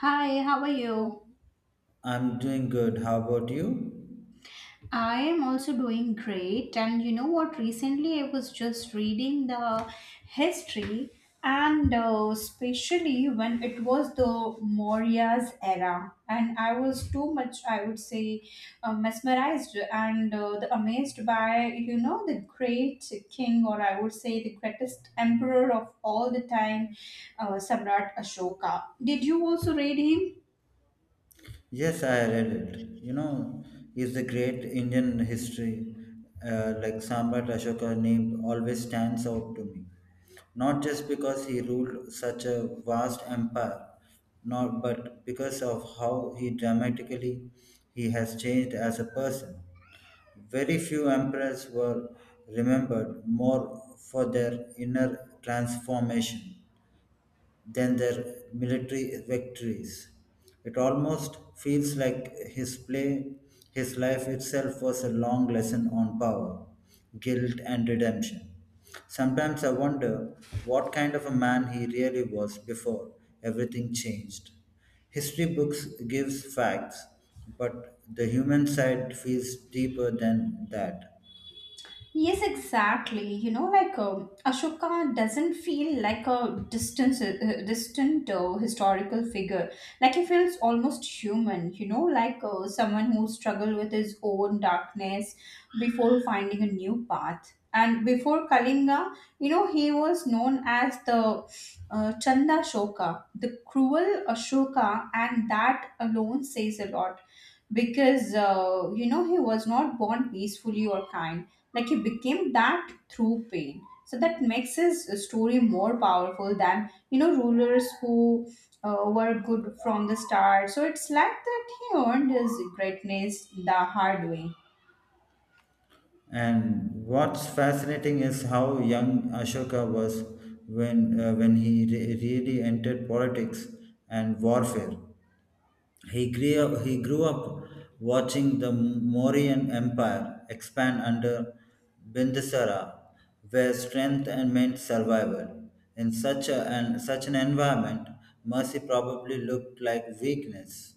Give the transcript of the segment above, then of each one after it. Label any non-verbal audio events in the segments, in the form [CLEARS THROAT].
Hi, how are you? I'm doing good. How about you? I am also doing great. And you know what? Recently, I was just reading the history, and especially when it was the Maurya's era. And I was too much, I would say, mesmerized and amazed by, you know, the great king, or I would say, the greatest emperor of all the time, Samrat Ashoka. Did you also read him? Yes, I read it. You know, is the great Indian history, like Samrat Ashoka named, always stands out to me. Not just because he ruled such a vast empire, not but because of how he dramatically he has changed as a person. Very few emperors were remembered more for their inner transformation than their military victories. It almost feels like his play, his life itself was a long lesson on power, guilt, and redemption. Sometimes I wonder what kind of a man he really was before everything changed. History books gives facts, but the human side feels deeper than that. Yes, exactly. You know, like Ashoka doesn't feel like a distant, historical figure. Like he feels almost human. You know, like someone who struggled with his own darkness before finding a new path. And before Kalinga, you know, he was known as the Chanda Shoka, the cruel Ashoka, and that alone says a lot because you know, he was not born peacefully or kind, like he became that through pain, so that makes his story more powerful than, you know, rulers who were good from the start. So it's like that he earned his greatness the hard way. And what's fascinating is how young Ashoka was when he really entered politics and warfare. He grew up watching the Mauryan Empire expand under Bindusara, where strength and meant survival. In such an environment, mercy probably looked like weakness.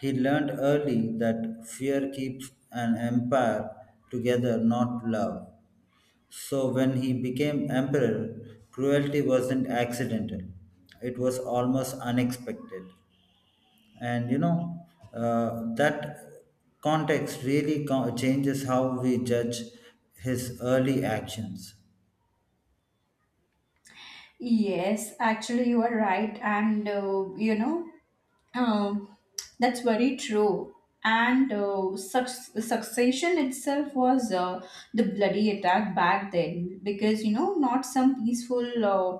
He learned early that fear keeps an empire together, not love. So when he became emperor, cruelty wasn't accidental, it was almost unexpected. And that context really changes how we judge his early actions. Yes, actually, you are right. And, you know, um, that's very true. And succession itself was the bloody attack back then because, you know, not some peaceful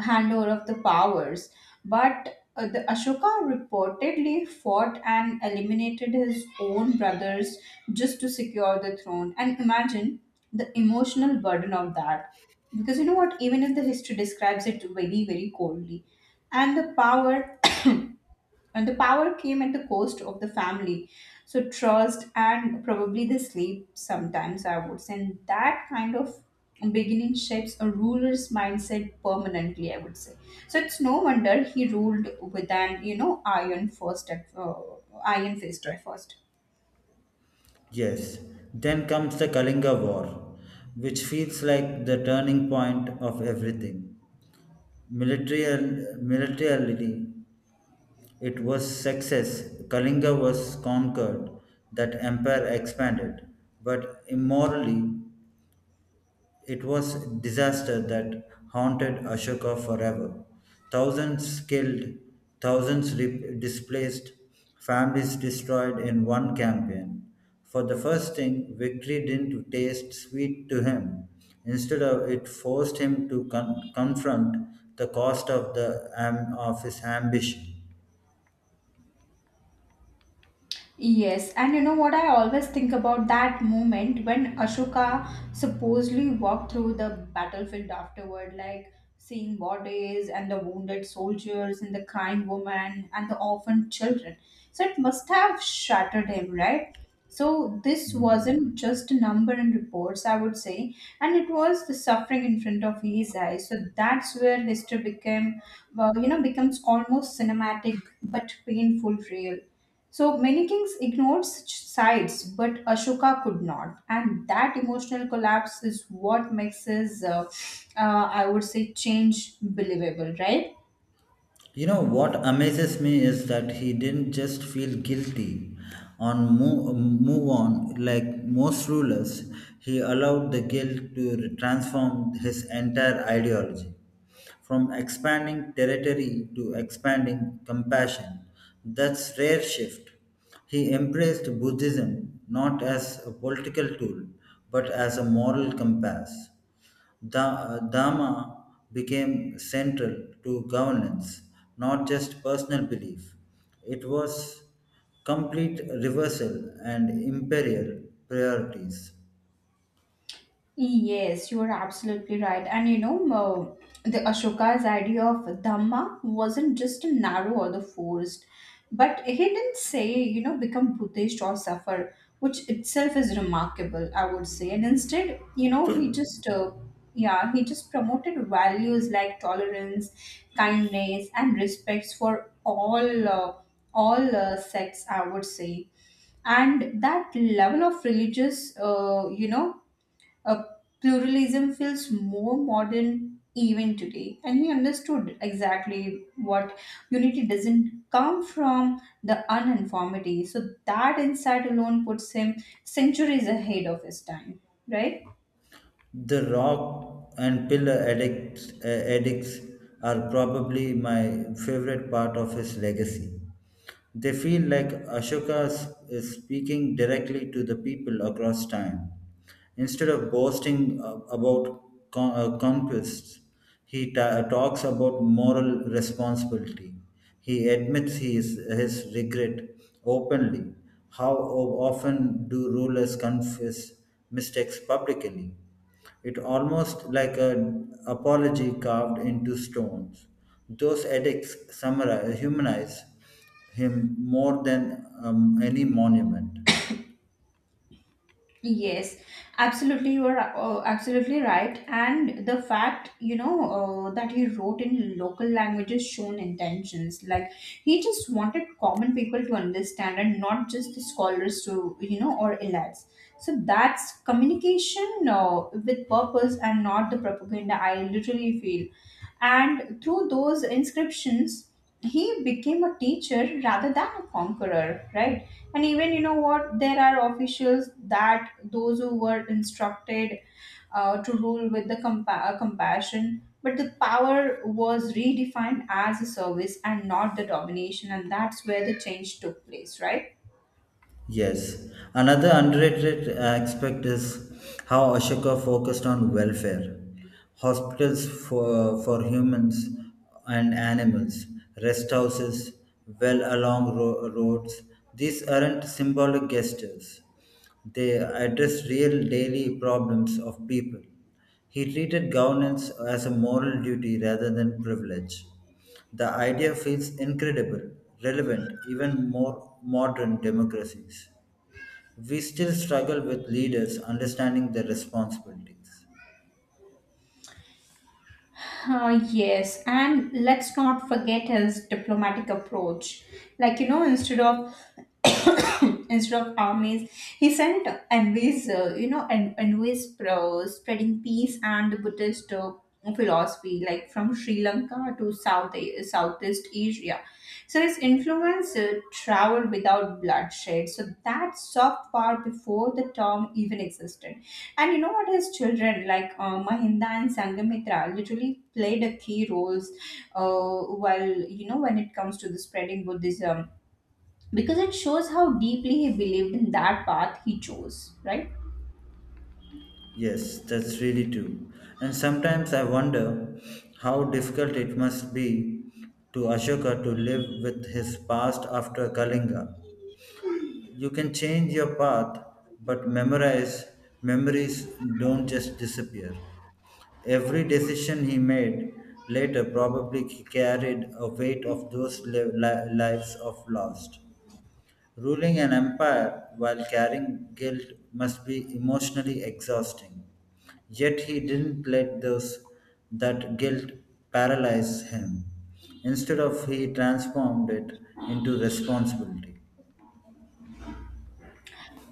handover of the powers. But the Ashoka reportedly fought and eliminated his own brothers just to secure the throne. And imagine the emotional burden of that. Because you know what, even if the history describes it very, very coldly, and the power [COUGHS] and the power came at the cost of the family. So, trust and probably the sleep sometimes, I would say. And that kind of beginning shapes a ruler's mindset permanently, I would say. So, it's no wonder he ruled with an, you know, iron first, iron fist at first. Yes, then comes the Kalinga war, which feels like the turning point of everything. Military militarily it was success. Kalinga was conquered, that empire expanded, but immorally it was disaster that haunted Ashoka forever. Thousands killed, thousands displaced, families destroyed in one campaign. For the first thing, victory didn't taste sweet to him. Instead of it forced him to confront the cost of the of his ambition. Yes, and you know what, I always think about that moment when Ashoka supposedly walked through the battlefield afterward, like seeing bodies and the wounded soldiers and the crying woman and the orphaned children. So it must have shattered him, right? So this wasn't just a number in reports, I would say, and it was the suffering in front of his eyes. So that's where history became, well, you know, becomes almost cinematic but painful real. So many kings ignored such sides, but Ashoka could not, and that emotional collapse is what makes his, I would say, change believable, right? You know what amazes me is that he didn't just feel guilty on move on like most rulers. He allowed the guilt to transform his entire ideology, from expanding territory to expanding compassion. That's rare shift. He embraced Buddhism not as a political tool but as a moral compass. The Dharma became central to governance, not just personal belief. It was complete reversal and imperial priorities. Yes, you are absolutely right. And you know, the Ashoka's idea of Dhamma wasn't just a narrow or the forced, but he didn't say, you know, become Buddhist or suffer, which itself is remarkable, I would say. And instead, you know, he just, yeah, he just promoted values like tolerance, kindness, and respects for all, uh, sects, I would say. And that level of religious, you know, uh, pluralism feels more modern even today, and he understood exactly what unity doesn't come from the uniformity. So that insight alone puts him centuries ahead of his time, right? The rock and pillar edicts, edicts are probably my favorite part of his legacy. They feel like Ashoka is speaking directly to the people across time. Instead of boasting about conquests, he talks about moral responsibility. He admits his regret openly. How often do rulers confess mistakes publicly? It almost like an apology carved into stones. Those edicts summarize, humanize him more than any monument. Yes, absolutely. You are absolutely right. And the fact, you know, that he wrote in local languages shown intentions. Like he just wanted common people to understand and not just the scholars to, you know, or elites. So that's communication with purpose and not the propaganda. I literally feel. And through those inscriptions, he became a teacher rather than a conqueror, right? And even you know what, there are officials that those who were instructed to rule with the compassion, but the power was redefined as a service and not the domination, and that's where the change took place, right? Yes. Another underrated aspect is how Ashoka focused on welfare, hospitals for humans and animals, rest houses, well along roads. These aren't symbolic gestures, they address real daily problems of people. He treated governance as a moral duty rather than privilege. The idea feels incredible, relevant, even more modern democracies. We still struggle with leaders understanding their responsibilities. Yes, and let's not forget his diplomatic approach. Like you know, instead of [COUGHS] instead of armies, he sent envoys. You know, envoys pro spreading peace and the Buddhist philosophy, like from Sri Lanka to Southeast Asia. So his influence traveled without bloodshed. So that soft power before the term even existed. And you know what? His children, like Mahinda and Sangamitra, literally played a key roles while, you know, when it comes to the spreading Buddhism. Because it shows how deeply he believed in that path he chose, right? Yes, that's really true. And sometimes I wonder how difficult it must be to Ashoka to live with his past after Kalinga. You can change your path, but memorize memories don't just disappear. Every decision he made later probably carried a weight of those lives of lost, ruling an empire while carrying guilt must be emotionally exhausting. Yet he didn't let those that guilt paralyze him. Instead of he transformed it into responsibility.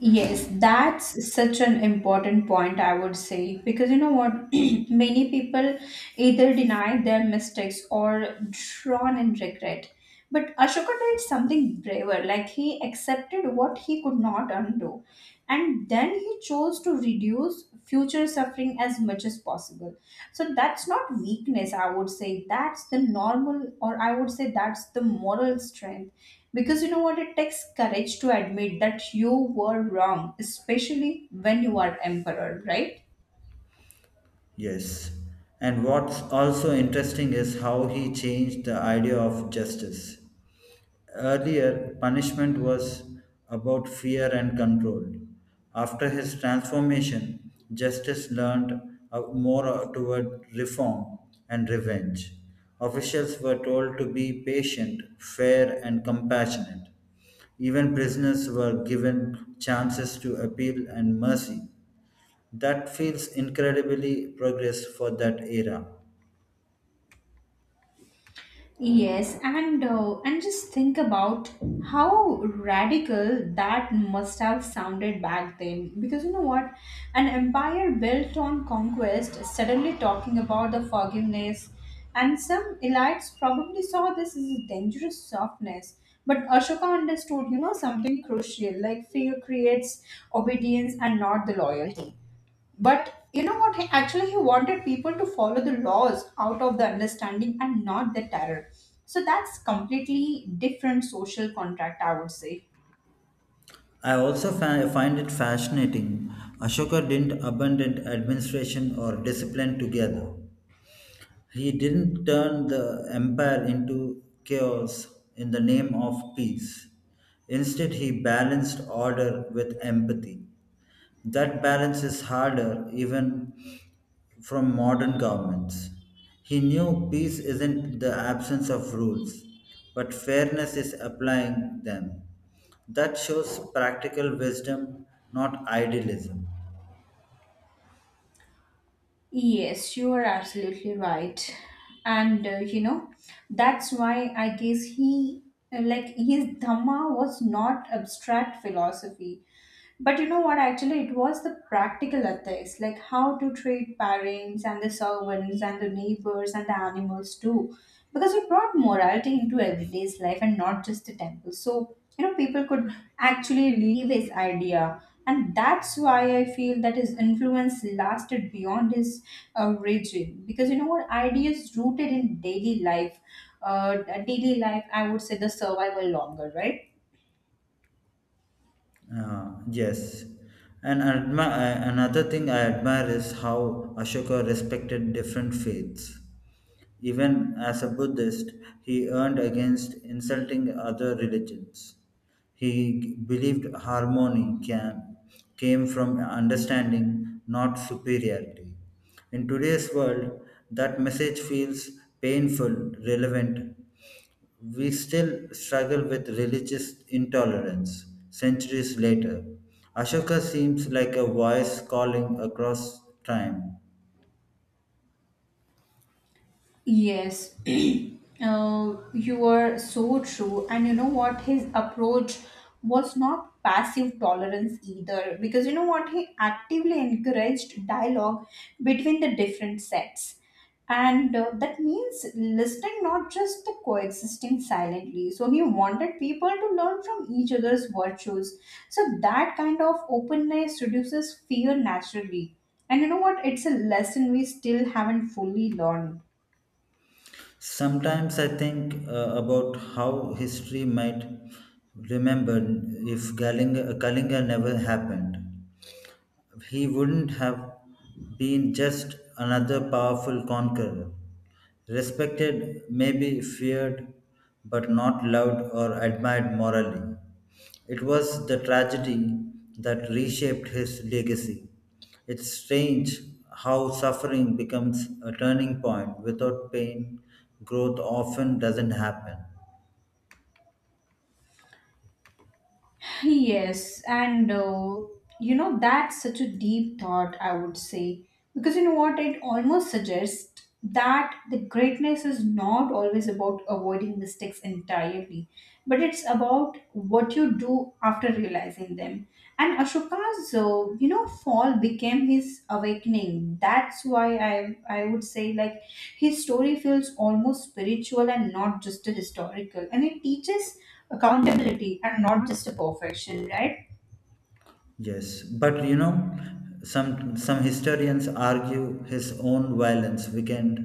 Yes, that's such an important point, I would say, because you know what? [CLEARS THROAT] Many people either deny their mistakes or drawn in regret. But Ashoka did something braver, like he accepted what he could not undo. And then he chose to reduce future suffering as much as possible. So that's not weakness, I would say. That's the normal, or I would say that's the moral strength because you know what, it takes courage to admit that you were wrong, especially when you are emperor, right? Yes. And what's also interesting is how he changed the idea of justice. Earlier, punishment was about fear and control. After his transformation, justice learned more toward reform and revenge. Officials were told to be patient, fair, and compassionate. Even prisoners were given chances to appeal and mercy. That feels incredibly progress for that era. Yes, and just think about how radical that must have sounded back then. Because you know what, an empire built on conquest suddenly talking about the forgiveness, and some elites probably saw this as a dangerous softness. But Ashoka understood, you know, something crucial like fear creates obedience and not the loyalty. But you know what? He wanted people to follow the laws out of the understanding and not the terror. So that's completely different social contract, I would say. I also find it fascinating. Ashoka didn't abandon administration or discipline together. He didn't turn the empire into chaos in the name of peace. Instead, he balanced order with empathy. That balance is harder even from modern governments. He knew peace isn't the absence of rules, but fairness is applying them. That shows practical wisdom, not idealism. Yes, you are absolutely right. And you know, that's why I guess like, his Dhamma was not abstract philosophy. But you know what? Actually, it was the practical ethics, like how to treat parents and the servants and the neighbors and the animals too, because it brought morality into everyday's life and not just the temple. So, you know, people could actually live his idea. And that's why I feel that his influence lasted beyond his regime. Because you know what? Ideas rooted in daily life, uh, I would say the survival longer, right? Yes. And another thing I admire is how Ashoka respected different faiths. Even as a Buddhist, he earned against insulting other religions. He believed came from understanding, not superiority. In today's world, that message feels painful, relevant. We still struggle with religious intolerance centuries later. Ashoka seems like a voice calling across time. Yes, [CLEARS THROAT] you are so true. And you know what? His approach was not passive tolerance either, because you know what? He actively encouraged dialogue between the different sets. And that means listening, not just the coexisting silently. So he wanted people to learn from each other's virtues. So that kind of openness reduces fear naturally. And you know what? It's a lesson we still haven't fully learned. Sometimes I think about how history might remember if Kalinga never happened. He wouldn't have been just another powerful conqueror, respected, maybe feared, but not loved or admired morally. It was the tragedy that reshaped his legacy. It's strange how suffering becomes a turning point. Without pain, growth often doesn't happen. Yes, and you know, that's such a deep thought, I would say. Because you know what, it almost suggests that the greatness is not always about avoiding mistakes entirely, but it's about what you do after realizing them. And Ashoka's, you know, fall became his awakening. That's why I would say like his story feels almost spiritual and not just a historical. And it teaches accountability and not just a perfection, right? Yes, but you know, some historians argue his own violence weakened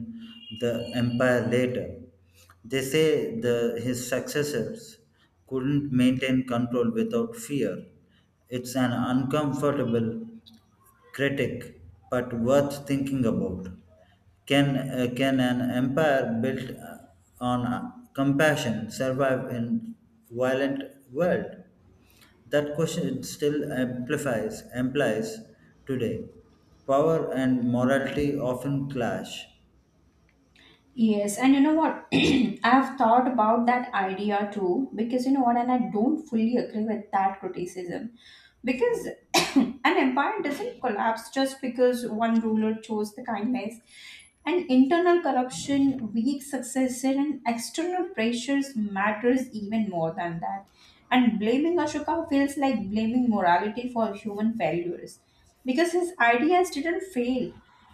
the empire later. They say the his successors couldn't maintain control without fear. It's an uncomfortable critic, but worth thinking about. Can an empire built on compassion survive in violent world? That question still implies today. Power and morality often clash. Yes, and you know what? [CLEARS THROAT] I have thought about that idea too, because you know what, and I don't fully agree with that criticism. Because [CLEARS THROAT] an empire doesn't collapse just because one ruler chose the kindness. And internal corruption, weak successor, and external pressures matters even more than that, and blaming Ashoka feels like blaming morality for human failures because his ideas didn't fail.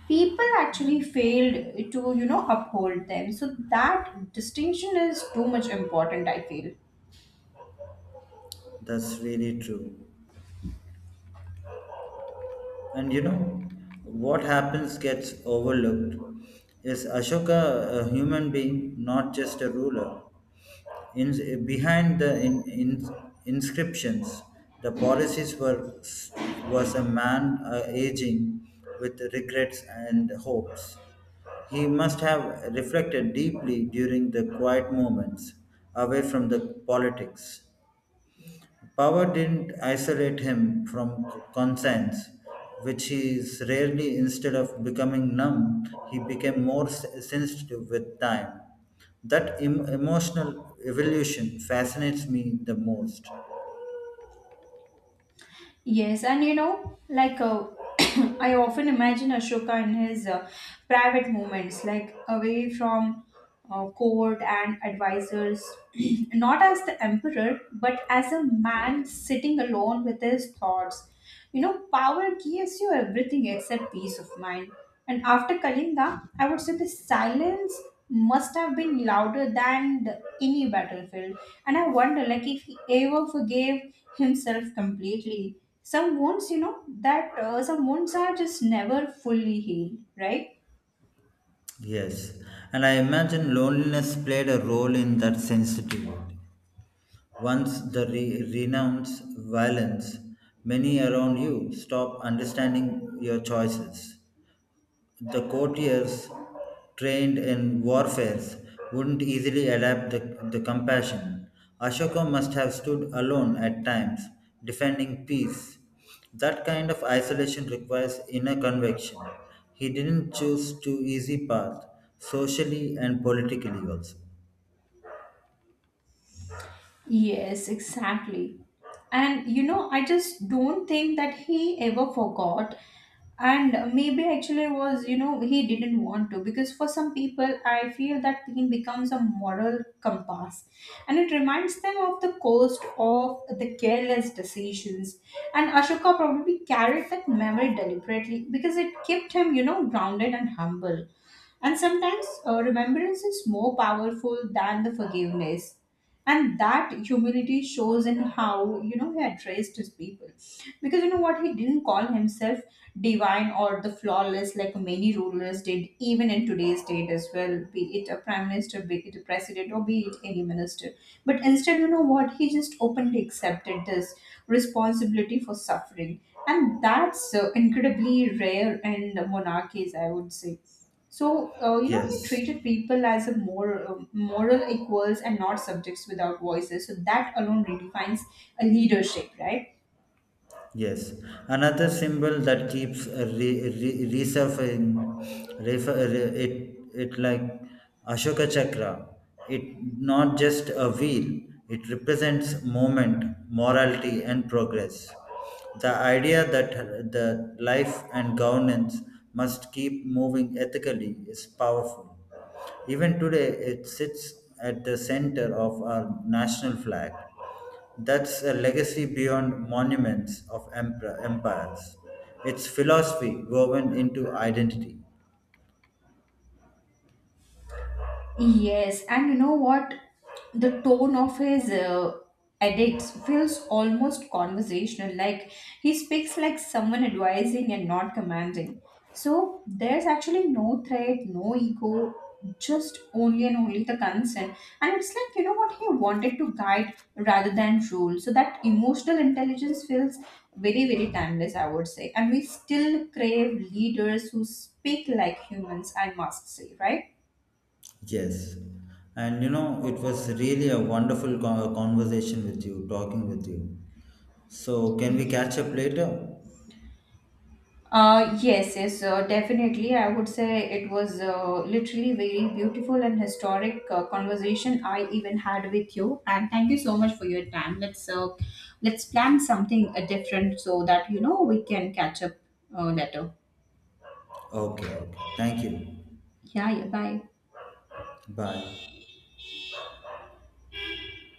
People actually failed to, you know, uphold them. So that distinction is too much important, I feel. That's really true. And you know what happens gets overlooked is Ashoka a human being, not just a ruler. Behind the inscriptions, the policies were was a man aging with regrets and hopes. He must have reflected deeply during the quiet moments away from the politics. Power didn't isolate him from conscience, which he is rarely. Instead of becoming numb, he became more sensitive with time. That emotional evolution fascinates me the most. Yes, and you know, like [COUGHS] [CLEARS THROAT] I often imagine Ashoka in his private moments, like away from court and advisors, [CLEARS THROAT] not as the emperor, but as a man sitting alone with his thoughts. You know, power gives you everything except peace of mind. And after Kalinda, I would say the silence must have been louder than the, any battlefield. And I wonder, like, if he ever forgave himself completely. Some wounds, you know, that some wounds are just never fully healed, right? Yes, and I imagine loneliness played a role in that sensitivity. Once the renounce violence, many around you stop understanding your choices. The courtiers, trained in warfare, wouldn't easily adapt the compassion. Ashoka must have stood alone at times, defending peace. That kind of isolation requires inner conviction. He didn't choose too easy path, socially and politically also. Yes, exactly. And you know, I just don't think that he ever forgot. And maybe actually was, you know, he didn't want to, because for some people, I feel that pain becomes a moral compass and it reminds them of the cost of the careless decisions. And Ashoka probably carried that memory deliberately because it kept him, you know, grounded and humble. And sometimes remembrance is more powerful than the forgiveness. And that humility shows in how, you know, he addressed his people. Because you know what, he didn't call himself divine or the flawless like many rulers did, even in today's state as well, be it a prime minister, be it a president, or be it any minister. But instead, you know what, he just openly accepted this responsibility for suffering. And that's incredibly rare in monarchies, I would say. So you know, he Yes. treated people as a more moral equals and not subjects without voices. So that alone redefines a leadership, right? Yes, another symbol that keeps re, re, resurfacing, refer, re- it like Ashoka Chakra. It not just a wheel, it represents movement, morality, and progress. The idea that the life and governance must keep moving ethically is powerful. Even today, it sits at the center of our national flag. That's a legacy beyond monuments of empires. It's philosophy woven into identity. Yes, and you know what? The tone of his edits feels almost conversational, like he speaks like someone advising and not commanding. So there's actually no threat, no ego, just only and only the concern. And it's like, you know what, he wanted to guide rather than rule. So that emotional intelligence feels very, very timeless, I would say. And we still crave leaders who speak like humans, I must say, right? Yes. And you know, it was really a wonderful conversation with you, talking with you. So, can we catch up later? Yes, yes, definitely. I would say it was literally very beautiful and historic conversation I even had with you. And thank you so much for your time. Let's plan something different so that you know we can catch up later. Okay, okay. Thank you. Yeah, yeah. Bye. Bye.